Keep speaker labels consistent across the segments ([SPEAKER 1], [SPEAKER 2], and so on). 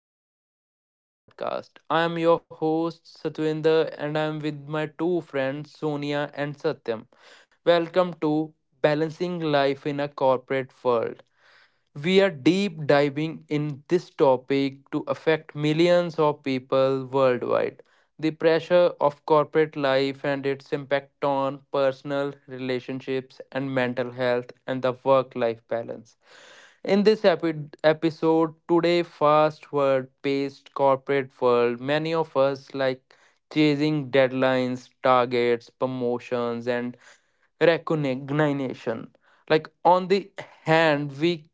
[SPEAKER 1] welcome back to our podcast. I am your host Satwinder, and I am with my two friends Sonia and Satyam. Welcome to Balancing Life in a Corporate World. We are deep diving in this topic to affect millions of people worldwide. The pressure of corporate life and its impact on personal relationships and mental health and the work life balance. In this episode, today, fast word paced corporate world, many of us like chasing deadlines, targets, promotions, and recognition. Like, on the hand, we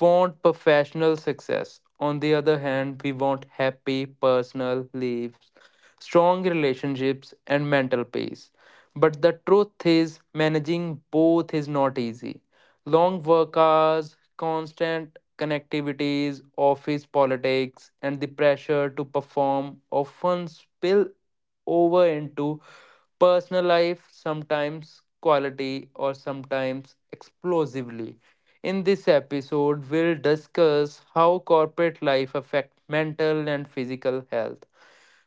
[SPEAKER 1] want professional success. On the other hand, we want happy personal lives, strong relationships, and mental peace. But the truth is, managing both is not easy. Long work hours, constant connectivities, office politics, and the pressure to perform often spill over into personal life, sometimes quality or sometimes explosively. In this episode, we'll discuss how corporate life affect mental and physical health.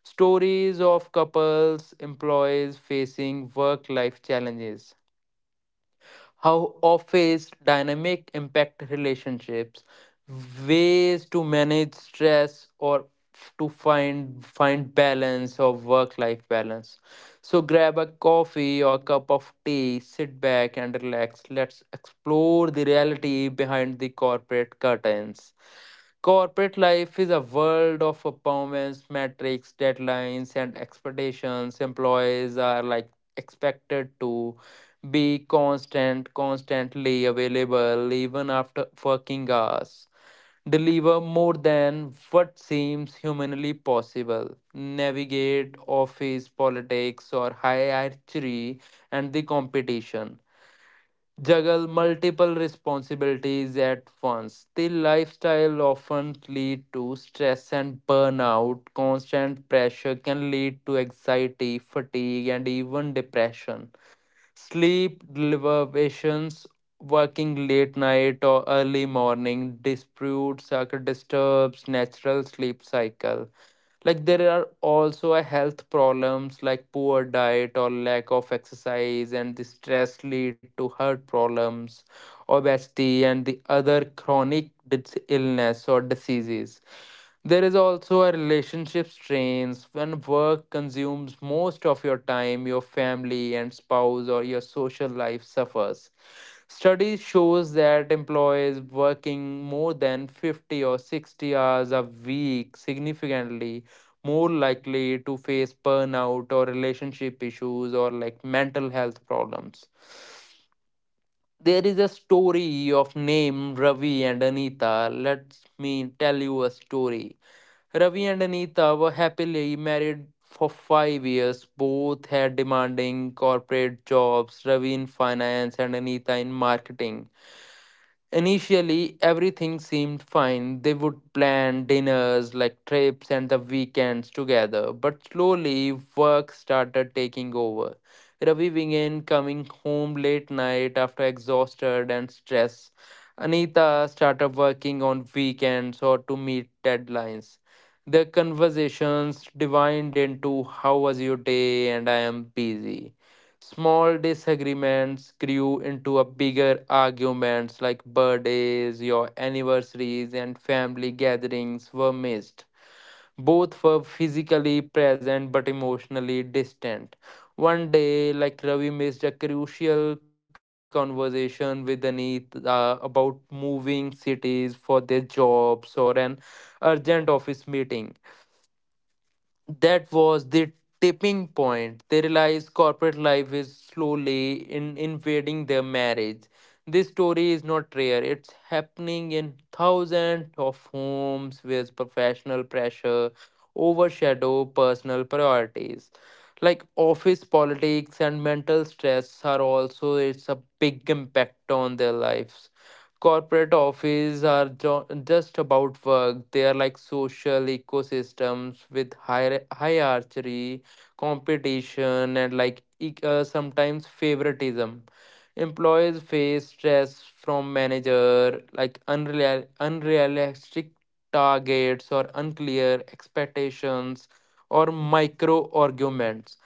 [SPEAKER 1] Stories of couples, employees facing work life challenges, how office dynamic impact relationships, ways to manage stress or to find balance or work life balance. So grab a coffee or cup of tea, sit back and relax. Let's explore the reality behind the corporate curtains. Corporate life is a world of performance metrics, deadlines, and expectations. Employees are like expected to be constantly available, even after working hours. Deliver more than what seems humanly possible. Navigate office politics or hierarchy and the competition juggle multiple responsibilities at once. The lifestyle often lead to stress and burnout. Constant pressure can lead to anxiety, fatigue, and even depression. Sleep deprivations, working late night or early morning, disputes, or disturbs natural sleep cycle. Like there are also a health problems like poor diet or lack of exercise, and the stress lead to heart problems, obesity, and the other chronic illness or diseases. There is also a relationship strains when work consumes most of your time, your family and spouse or your social life suffers. Studies shows that employees working more than 50 or 60 hours a week significantly more likely to face burnout or relationship issues or like mental health problems. There is a story of name Ravi and Anita. Let me tell you a story. Ravi and Anita were happily married for 5 years. Both had demanding corporate jobs, Ravi in finance and Anita in marketing. Initially, everything seemed fine. They would plan dinners like trips and the weekends together, but slowly work started taking over. Ravi began coming home late night after exhausted and stressed. Anita started working on weekends or to meet deadlines. Their conversations divined into how was your day and I am busy. Small disagreements grew into a bigger arguments like birthdays, your anniversaries and family gatherings were missed. Both were physically present but emotionally distant. One day, like Ravi missed a crucial conversation with Anit about moving cities for their jobs or an urgent office meeting. That was the tipping point. They realized corporate life is slowly in invading their marriage. This story is not rare. It's happening in thousands of homes where professional pressure overshadow personal priorities. Like office politics and mental stress are also it's a big impact on their lives. Corporate offices are just about work. They are like social ecosystems with hierarchy, competition, and like sometimes favoritism. Employees face stress from manager like unrealistic targets or unclear expectations or micro arguments.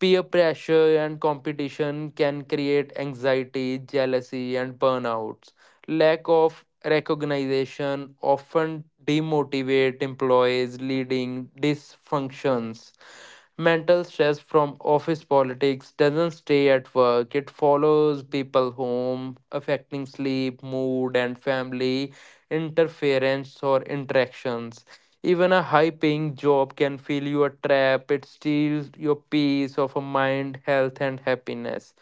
[SPEAKER 1] Peer pressure and competition can create anxiety, jealousy, and burnouts. Lack of recognition often demotivate employees, leading dysfunctions. Mental stress from office politics doesn't stay at work. It follows people home, affecting sleep, mood, and family interference or interactions. Even a high paying job can feel you a trap, it steals your peace of a mind, health, and happiness.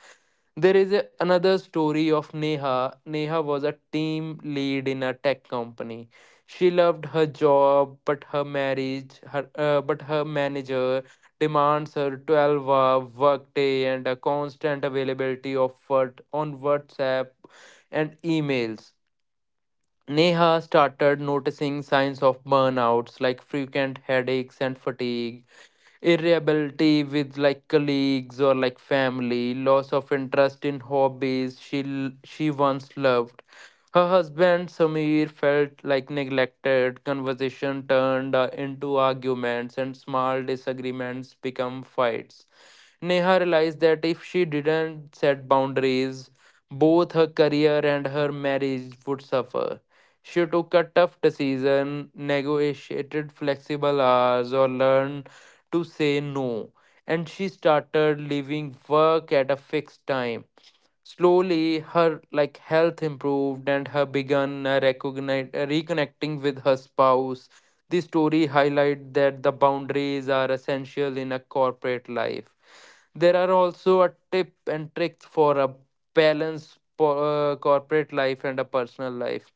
[SPEAKER 1] There is a, another story of Neha. Neha was a team lead in a tech company. She loved her job, but her marriage, but her manager demands her 12-hour workday and a constant availability of what on WhatsApp and emails. Neha started noticing signs of burnouts like frequent headaches and fatigue, irritability with like colleagues or like family, loss of interest in hobbies she once loved. Her husband Samir felt like neglected. Conversation turned into arguments and small disagreements become fights. Neha realized that if she didn't set boundaries, both her career and her marriage would suffer. She took a tough decision, negotiated flexible hours, or learned to say no, and she started leaving work at a fixed time. Slowly, her like health improved, and her began reconnecting with her spouse. The story highlights that the boundaries are essential in a corporate life. There are also a tip and tricks for a balanced corporate life and a personal life.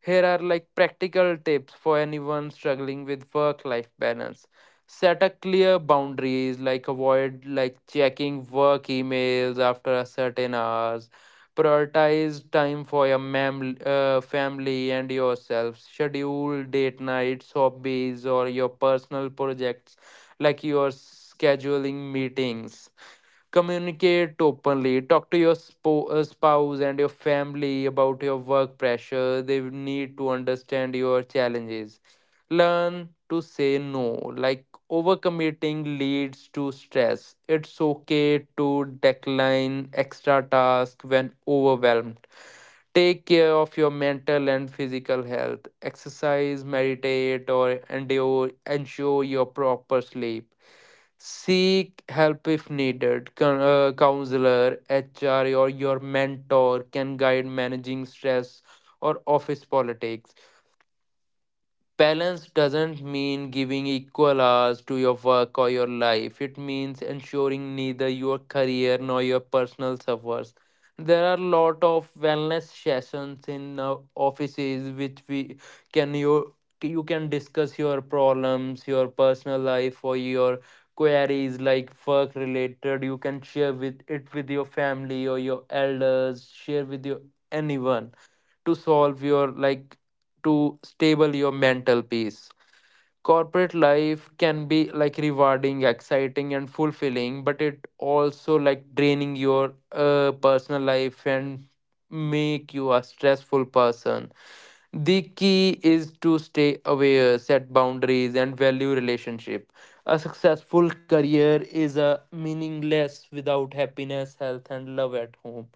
[SPEAKER 1] Here are like practical tips for anyone struggling with work life balance. Set a clear boundaries like avoid like checking work emails after a certain hours. Prioritize time for your family and yourself. Schedule date nights, hobbies, or your personal projects like your scheduling meetings. Communicate openly, talk to your spouse and your family about your work pressure. They need to understand your challenges. Learn to say no, like overcommitting leads to stress. It's okay to decline extra tasks when overwhelmed. Take care of your mental and physical health, exercise, meditate, or endure ensure your proper sleep. Seek help if needed. Counselor, HR, or your mentor can guide managing stress or office politics. Balance doesn't mean giving equal hours to your work or your life. It means ensuring neither your career nor your personal suffers. There are a lot of wellness sessions in offices which we can you you can discuss your problems, your personal life, or your queries like work related. You can share with it with your family or your elders. Share with your anyone to solve your like to stable your mental peace. Corporate life can be like rewarding, exciting and fulfilling, but it also like draining your personal life and make you a stressful person. The key is to stay aware, set boundaries and value relationship. A successful career is a meaningless without happiness, health and love at home.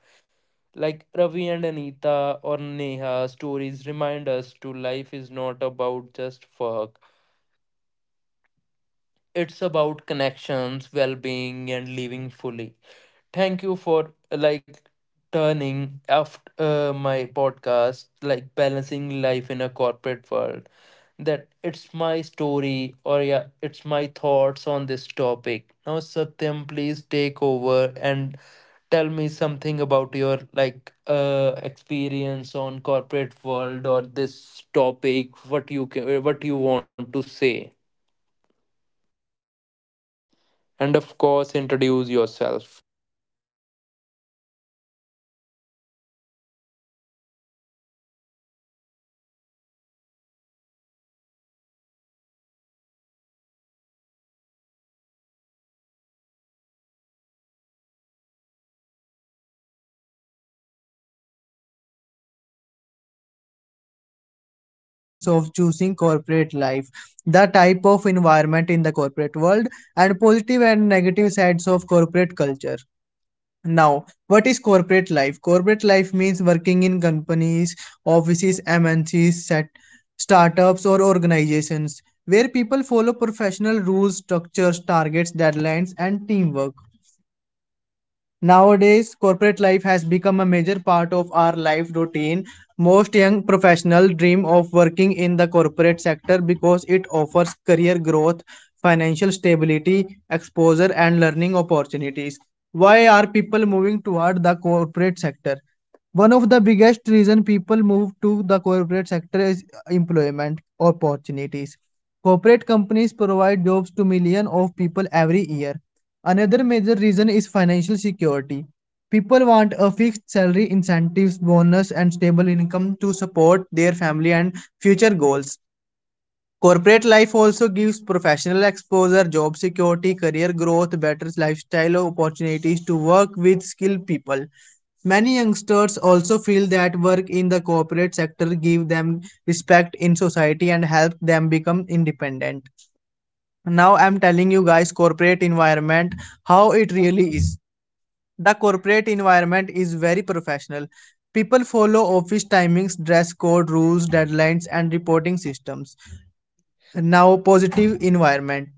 [SPEAKER 1] Like Ravi and Anita or Neha stories remind us to life is not about just work. It's about connections, well-being and living fully. Thank you for like turning after my podcast like balancing life in a corporate world. That it's my story or yeah, it's my thoughts on this topic. Now, Satyam, please take over and tell me something about your like experience on corporate world or this topic. What you can, what you want to say, and
[SPEAKER 2] Okay.
[SPEAKER 1] of
[SPEAKER 2] Hello
[SPEAKER 1] course, introduce
[SPEAKER 2] everyone.
[SPEAKER 1] yourself.
[SPEAKER 2] Okay, Satvinder. Hello, everyone. Welcome back to our podcast. My name is Satyam, and I hope you all are good, doing great. So, today we are going to talk about a very important and trending topic corporate lives nowadays. In today's podcast, we will discuss why people are moving towards the corporate sector and what are the main consequences of choosing corporate life, the type of environment in the corporate world, and positive and negative sides of corporate culture. Now, what is corporate life? Corporate life means working in companies, offices, MNCs, set, startups, or organizations where people follow professional rules, structures, targets, deadlines, and teamwork. Nowadays, corporate life has become a major part of our life routine. Most young professionals dream of working in the corporate sector because it offers career growth, financial stability, exposure, and learning opportunities. Why are people moving toward the corporate sector? One of the biggest reason people move to the corporate sector is employment opportunities. Corporate companies provide jobs to millions of people every year. Another major reason is financial security. People want a fixed salary, incentives, bonus, and stable income to support their family and future goals. Corporate life also gives professional exposure, job security, career growth, better lifestyle opportunities to work with skilled people. Many youngsters also feel that work in the corporate sector give them respect in society and help them become independent. Now I'm telling you guys corporate environment how it really is. The corporate environment is very professional. People follow office timings, dress code rules, deadlines, and reporting systems. Now, positive environment,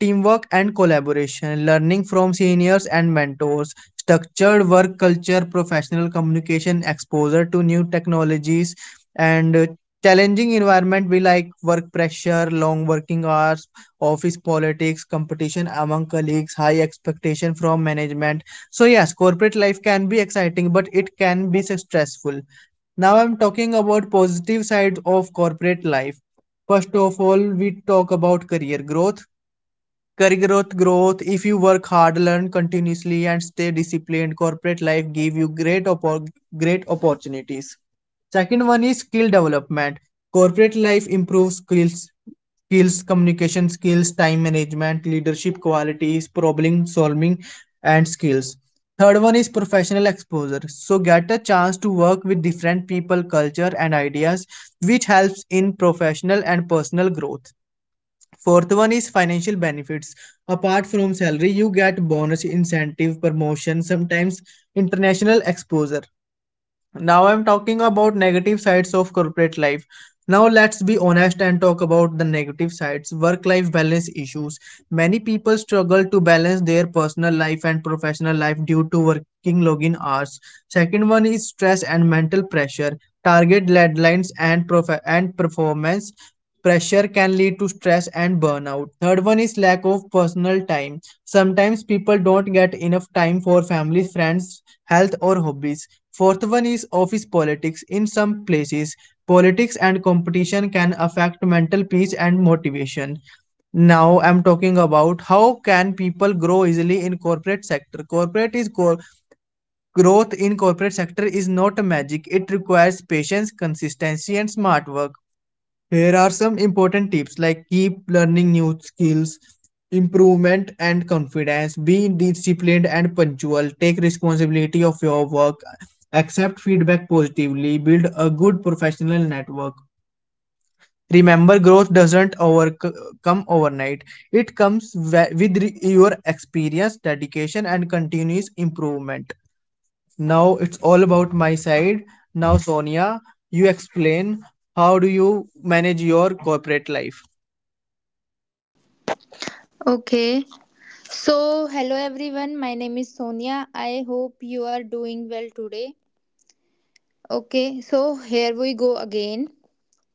[SPEAKER 2] teamwork and collaboration, learning from seniors and mentors, structured work culture, professional communication, exposure to new technologies, and challenging environment be like work pressure, long working hours, office politics, competition among colleagues, high expectation from management. So yes, corporate life can be exciting, but it can be stressful. Now I'm talking about positive side of corporate life. First of all, we talk about career growth. Career growth. If you work hard, learn continuously, and stay disciplined, corporate life give you great opportunities. Second one is skill development. Corporate life improves skills, communication skills, time management, leadership qualities, problem solving, and skills. Third one is professional exposure. So get a chance to work with different people, culture, and ideas, which helps in professional and personal growth. Fourth one is financial benefits. Apart from salary, you get bonus, incentive, promotion, sometimes international exposure. Now I'm talking about negative sides of corporate life. Now let's be honest and talk about the negative sides, work-life balance issues. Many people struggle to balance their personal life and professional life due to working login hours. Second one is stress and mental pressure. Target deadlines and performance pressure can lead to stress and burnout. Third one is lack of personal time. Sometimes people don't get enough time for family, friends, health or hobbies. Fourth one is office politics. In some places, politics and competition can affect mental peace and motivation. Now I'm talking about how can people grow easily in corporate sector. Growth in corporate sector is not magic. It requires patience, consistency, and smart work. Here are some important tips like keep learning new skills, improvement and confidence, be disciplined and punctual, take responsibility of your work, accept feedback positively, build a good professional network. Remember, growth doesn't come overnight. It comes with your experience, dedication, and continuous improvement. Now it's all about my side. Now, Sonia, you explain how do you manage your corporate life?
[SPEAKER 3] Okay, so hello everyone, my name is Sonia. I hope you are doing well today. Okay, so here we go again.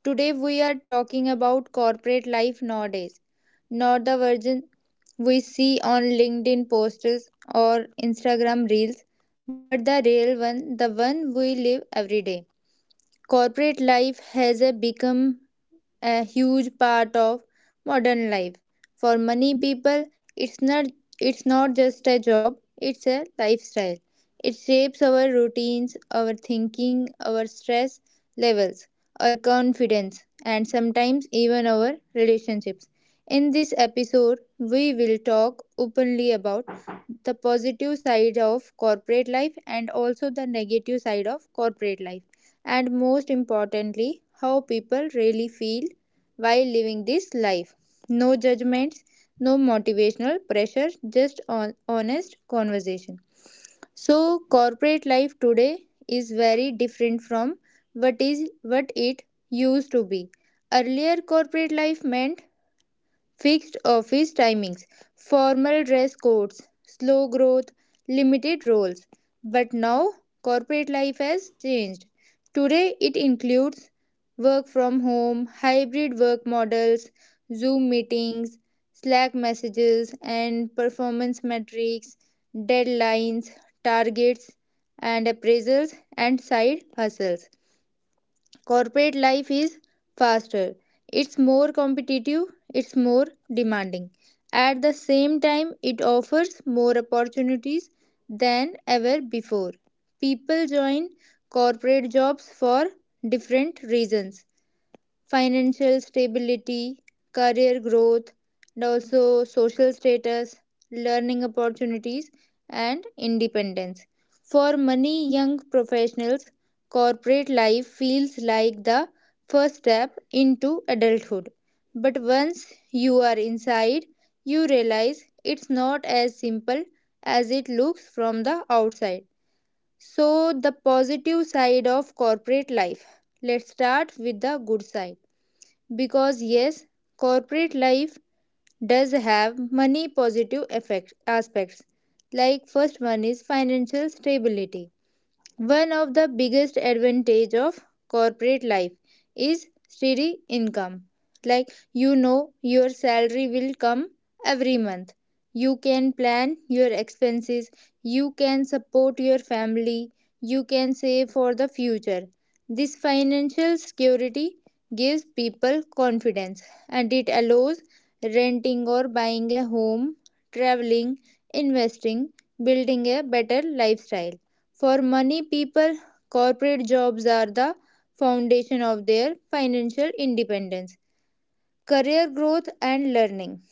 [SPEAKER 3] Today we are talking about corporate life nowadays, not the version we see on LinkedIn posts or Instagram reels, but the real one, the one we live every day. Corporate life has become a huge part of modern life. For many people, it's not it's not just a job, it's a lifestyle. It shapes our routines, our thinking, our stress levels, our confidence, and sometimes even our relationships. In this episode, we will talk openly about the positive side of corporate life and also the negative side of corporate life and most importantly, how people really feel while living this life. No judgments, no motivational pressure, just on honest conversation. So corporate life today is very different from what it used to be. Earlier corporate life meant fixed office timings, formal dress codes, slow growth, limited roles. But now corporate life has changed. Today it includes work from home, hybrid work models, Zoom meetings, Slack messages, and performance metrics, deadlines, targets, and appraisals and side hustles. Corporate life is faster, it's more competitive, it's more demanding. At the same time, it offers more opportunities than ever before. People join corporate jobs for different reasons: financial stability, career growth, and also social status, learning opportunities, and independence. For many young professionals, corporate life feels like the first step into adulthood. But once you are inside, you realize it's not as simple as it looks from the outside. So, the positive side of corporate life. Let's start with the good side, because yes, corporate life does have many positive effect aspects. Like, first one is financial stability. One of the biggest advantage of corporate life is steady income. Like, you know your salary will come every month. You can plan your expenses, you can support your family, you can save for the future. This financial security gives people confidence and it allows renting or buying a home, traveling, investing, building a better lifestyle. For many people, corporate jobs are the foundation of their financial independence, career growth, and learning.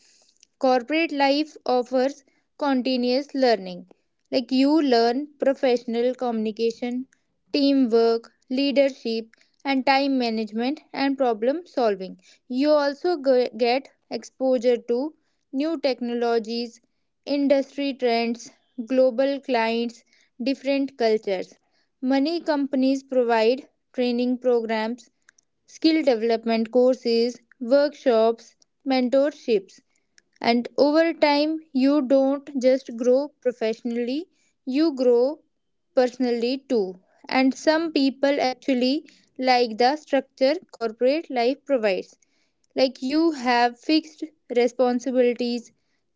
[SPEAKER 3] Corporate life offers continuous learning. Like, you learn professional communication, teamwork, leadership, and time management and problem solving. You also get exposure to new technologies, industry trends, global clients, different cultures. Many companies provide training programs, skill development courses, workshops, mentorships, and over time you don't just grow professionally, you grow personally too. And some people actually like the structure corporate life provides. Like, you have fixed responsibilities,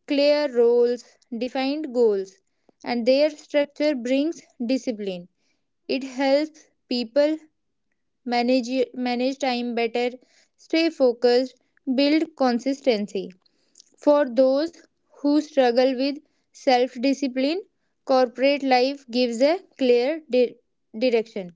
[SPEAKER 3] clear roles, defined goals, and their structure brings discipline. It helps people manage manage time better, stay focused, build consistency. For those who struggle with self discipline, corporate life gives a clear direction.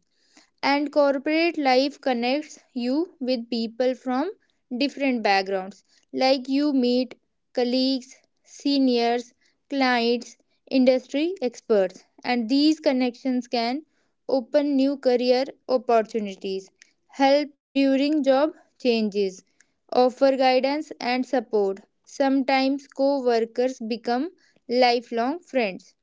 [SPEAKER 3] And corporate life connects you with people from different backgrounds. Like, you meet colleagues, seniors, clients, industry experts, and these connections can open new career opportunities, help during job changes, offer guidance and support. Sometimes co-workers become lifelong friends.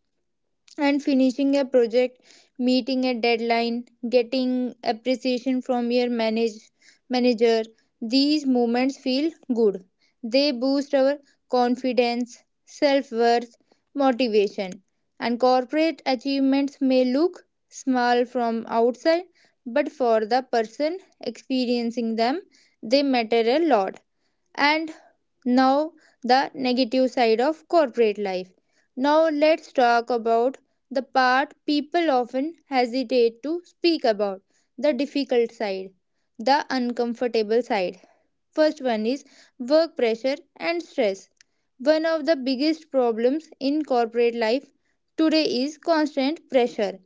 [SPEAKER 3] And finishing a project, meeting a deadline, getting appreciation from your manager. These moments feel good. They boost our confidence, self worth, motivation. And corporate achievements may look small from outside, but for the person experiencing them, they matter a lot. And now, the negative side of corporate life. Now, let's talk about the part people often hesitate to speak about, the difficult side, the uncomfortable side. First one is work pressure and stress. One of the biggest problems in corporate life today is constant pressure.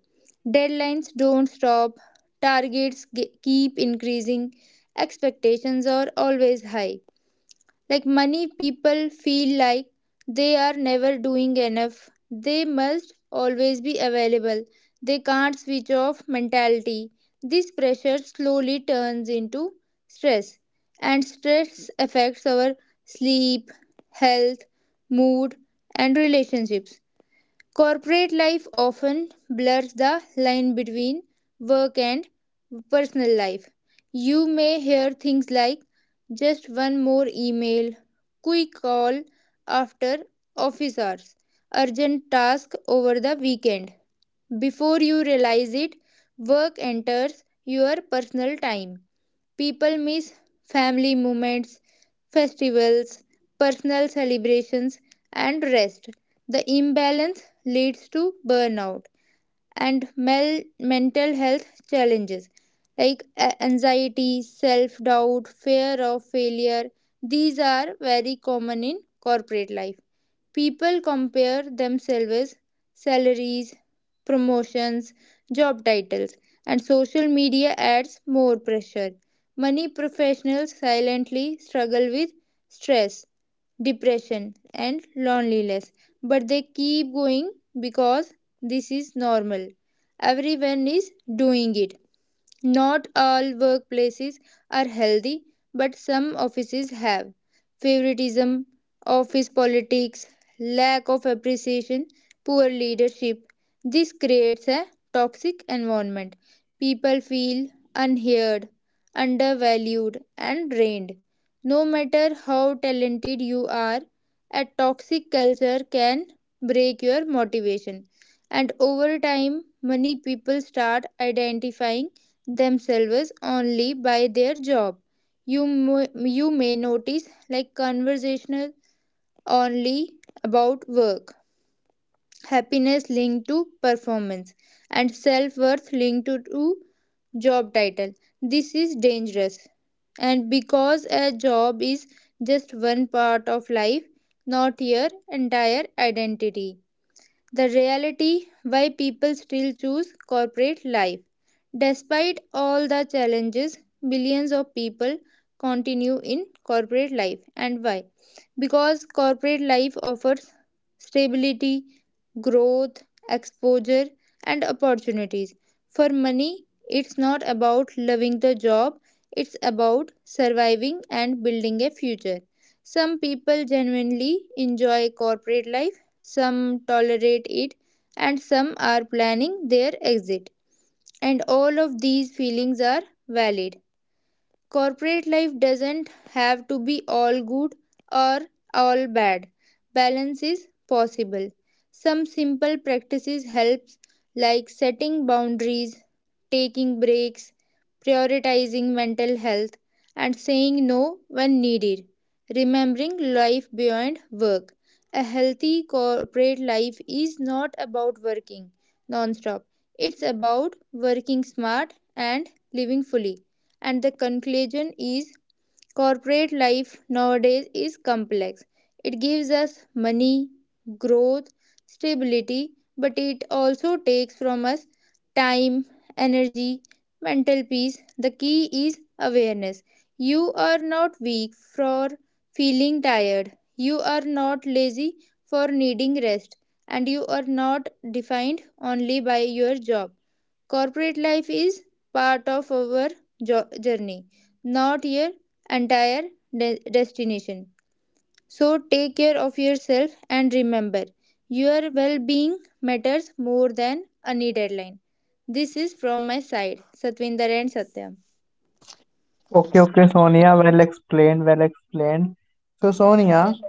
[SPEAKER 3] Deadlines don't stop, keep increasing, expectations are always high. Like, money people feel like they are never doing enough, they must always be available, they can't switch off mentality. This pressure slowly turns into stress, and stress affects our sleep, health, mood, and relationships. Corporate life often blurs the line between work and personal life. You may hear things like just one more email, quick call after office hours, urgent task over the weekend. Before you realize it, work enters your personal time. People miss family moments, festivals, personal celebrations, and rest. The imbalance leads to burnout and mental health challenges like anxiety, self doubt, fear of failure. These are very common in corporate life. People compare themselves, salaries, promotions, job titles, and social media adds more pressure. Many professionals silently struggle with stress, depression, and loneliness, but they keep going because this is normal. Everyone is doing it. Not all workplaces are healthy, but some offices have favoritism, office politics, lack of appreciation, poor leadership. This creates a toxic environment. People feel unheard, undervalued, and drained. No matter how talented you are, a toxic culture can break your motivation. And over time, many people start identifying themselves only by their job. You, you may notice like conversational only about work, happiness linked to performance, and self worth linked to job title. This is dangerous. And because a job is just one part of life, not your entire identity, the reality why people still choose corporate life. Despite all the challenges, billions of people continue in corporate life. And why? Because corporate life offers stability, growth, exposure, and opportunities. For money, it's not about loving the job, it's about surviving and building a future. Some people genuinely enjoy corporate life, some tolerate it, and some are planning their exit. And all of these feelings are valid. Corporate life doesn't have to be all good or all bad. Balance is possible. Some simple practices helps, like setting boundaries, taking breaks, prioritizing mental health, and saying no when needed. Remembering life beyond work. A healthy corporate life is not about working non-stop. It's about working smart and living fully. And the conclusion is, corporate life nowadays is complex. It gives us money, growth, stability, but it also takes from us time, energy, mental peace. The key is awareness. You are not weak for feeling tired. You are not lazy for needing rest. And you are not defined only by your job. Corporate life is part of our journey, not your entire destination. So take care of yourself and remember your well being matters more than any deadline. This is from my side, Satvinder and Satyam.
[SPEAKER 2] Okay, Sonia. Well explained, well explained. So, Sonia,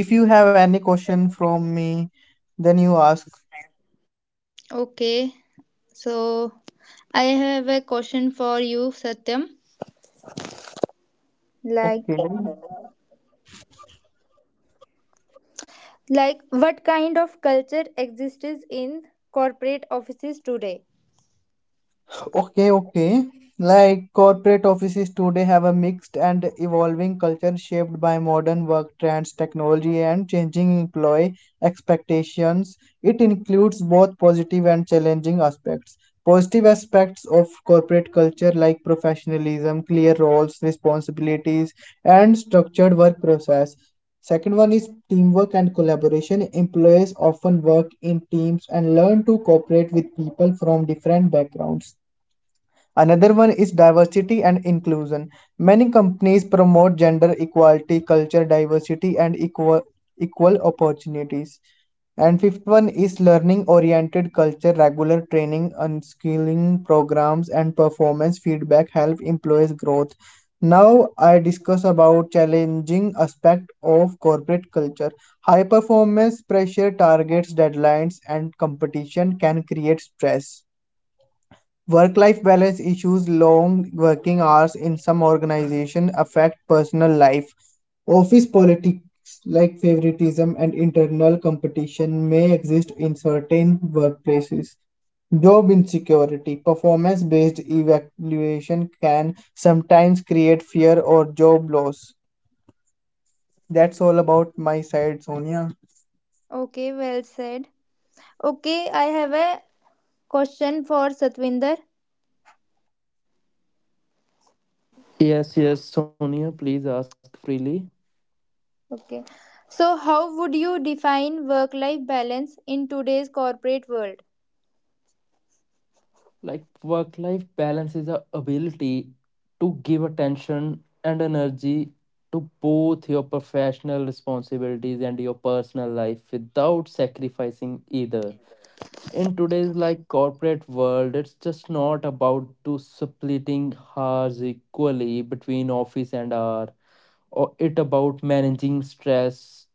[SPEAKER 2] if you have any question from me, then you ask.
[SPEAKER 3] Okay, so I have a question for you, Satyam. Like,
[SPEAKER 2] Okay.
[SPEAKER 3] like, what kind of culture exists in corporate offices today?
[SPEAKER 2] Okay. Like corporate offices today have a mixed and evolving culture shaped by modern work trends, technology, and changing employee expectations. It includes both positive and challenging aspects. Positive aspects of corporate culture like professionalism, clear roles, responsibilities, and structured work process. Second one is teamwork and collaboration. Employees often work in teams and learn to cooperate with people from different backgrounds. Another one is diversity and inclusion. Many companies promote gender equality, culture diversity, and equal opportunities. And fifth one is learning oriented culture, regular training, unskilling programs, and performance feedback help employees growth. Now I discuss about challenging aspect of corporate culture. High performance pressure, targets, deadlines, and competition can create stress. Work-life balance issues, long working hours in some organizations affect personal life. Office politics like favoritism and internal competition may exist in certain workplaces. Job insecurity, performance-based evaluation can sometimes create fear or job loss. That's all about my side, Sonia.
[SPEAKER 3] Okay, well said. Okay, I have a question for Satvinder.
[SPEAKER 1] Yes, yes, Sonia, please ask freely.
[SPEAKER 3] Okay. So, how would you define work life balance in today's corporate world?
[SPEAKER 1] Like work life balance is a ability to give attention and energy to both your professional responsibilities and your personal life without sacrificing either. In today's like corporate world, it's just not about to splitting hours equally between office and hour or it about managing stress,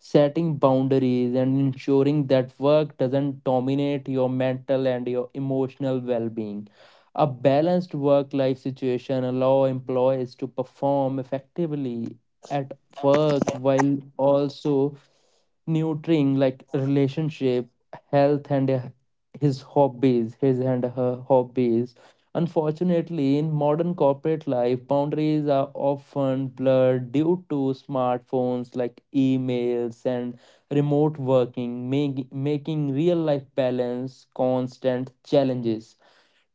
[SPEAKER 1] setting boundaries, and ensuring that work doesn't dominate your mental and your emotional well being. A balanced work life situation allows employees to perform effectively at work while also nurturing like relationship, health and his and her hobbies. Unfortunately, in modern corporate life boundaries are often blurred due to smartphones like emails and remote working, making real life balance constant challenges.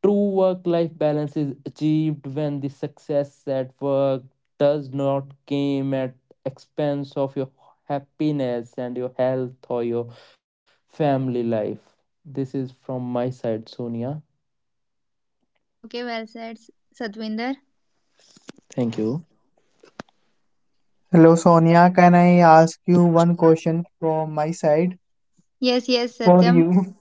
[SPEAKER 1] True work life balance is achieved when the success at work does not come at expense of your happiness and your health or your family life. This is from my side, Sonia.
[SPEAKER 3] Okay, okay, well said, Satvinder.
[SPEAKER 1] Thank you.
[SPEAKER 2] Hello, Sonia. Can I ask you one question from my side
[SPEAKER 3] Yes, yes,
[SPEAKER 2] for
[SPEAKER 3] Satyam.
[SPEAKER 2] you?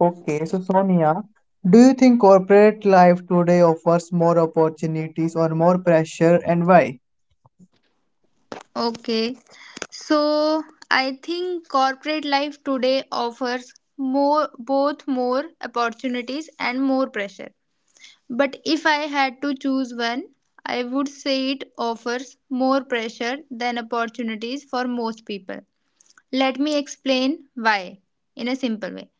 [SPEAKER 2] Okay, so Sonia, do you think corporate life today offers more opportunities or more pressure and why?
[SPEAKER 3] Okay. So, I think corporate life today offers more, both more opportunities and more pressure. But if I had to choose one, I would say it offers more pressure than opportunities for most people. Let me explain why in a simple way.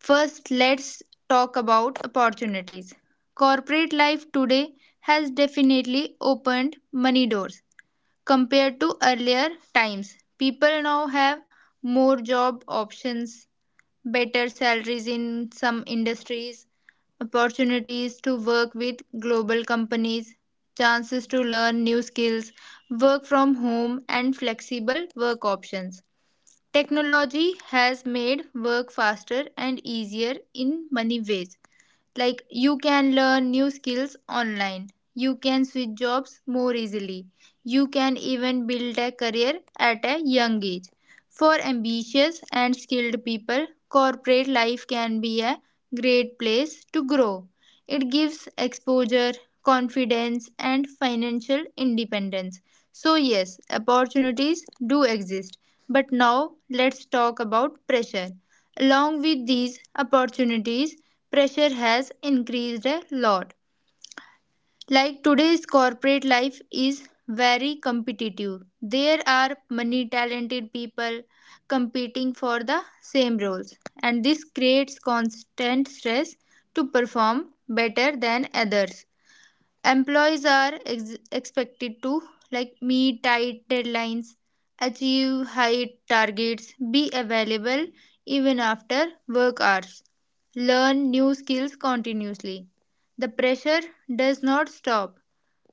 [SPEAKER 3] First, let's talk about opportunities. Corporate life today has definitely opened many doors compared to earlier times. People now have more job options, better salaries in some industries, opportunities to work with global companies, chances to learn new skills, work from home, and flexible work options. Technology has made work faster and easier in many ways. Like, you can learn new skills online, you can switch jobs more easily, you can even build a career at a young age. For ambitious and skilled people, corporate life can be a great place to grow. It gives exposure, confidence, and financial independence. So yes, opportunities do exist. But now let's talk about pressure. Along with these opportunities, pressure has increased a lot. Like, today's corporate life is very competitive. There are many talented people competing for the same roles, and this creates constant stress to perform better than others. Employees are expected to, like, meet tight deadlines, achieve high targets, be available even after work hours, learn new skills continuously. The pressure does not stop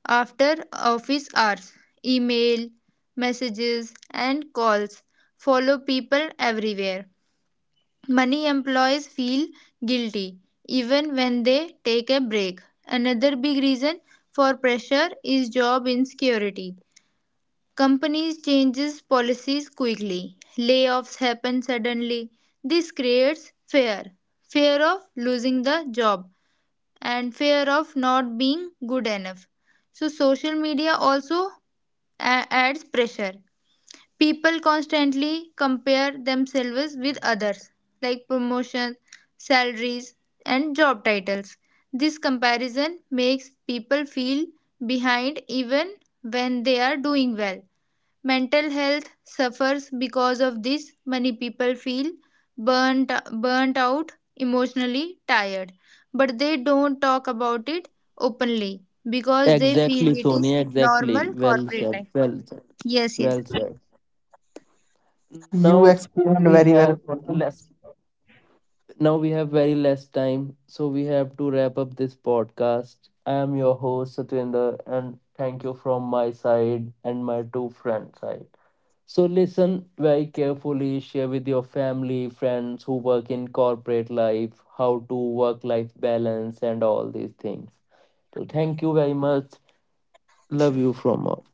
[SPEAKER 3] after office hours. Email, messages, and calls follow people everywhere. Many employees feel guilty even when they take a break. Another big reason for pressure is job insecurity. Companies changes policies quickly. Layoffs happen suddenly. This creates fear. Fear of losing the job and fear of not being good enough. So social media also adds pressure. People constantly compare themselves with others, like promotions, salaries, and job titles. This comparison makes people feel behind even when they are doing well. Mental health suffers because of this. Many people feel burnt burnt out, emotionally tired, but they don't talk about it openly because they feel
[SPEAKER 1] Exactly,
[SPEAKER 3] it is
[SPEAKER 1] Sonia. Exactly.
[SPEAKER 3] normal
[SPEAKER 1] Well
[SPEAKER 3] corporate
[SPEAKER 1] said.
[SPEAKER 3] life.
[SPEAKER 1] Well said.
[SPEAKER 3] Yes,
[SPEAKER 1] Well
[SPEAKER 3] yes.
[SPEAKER 1] said. Now
[SPEAKER 2] You
[SPEAKER 1] we
[SPEAKER 2] explained very
[SPEAKER 1] have
[SPEAKER 2] well. Sonia.
[SPEAKER 1] less. Now we have very less time, so we have to wrap up this podcast. I am your host Satwinder, and thank you from my side and my two friends' side. So listen very carefully, share with your family, friends who work in corporate life, how to work-life balance and all these things. So thank you very much. Love you from all.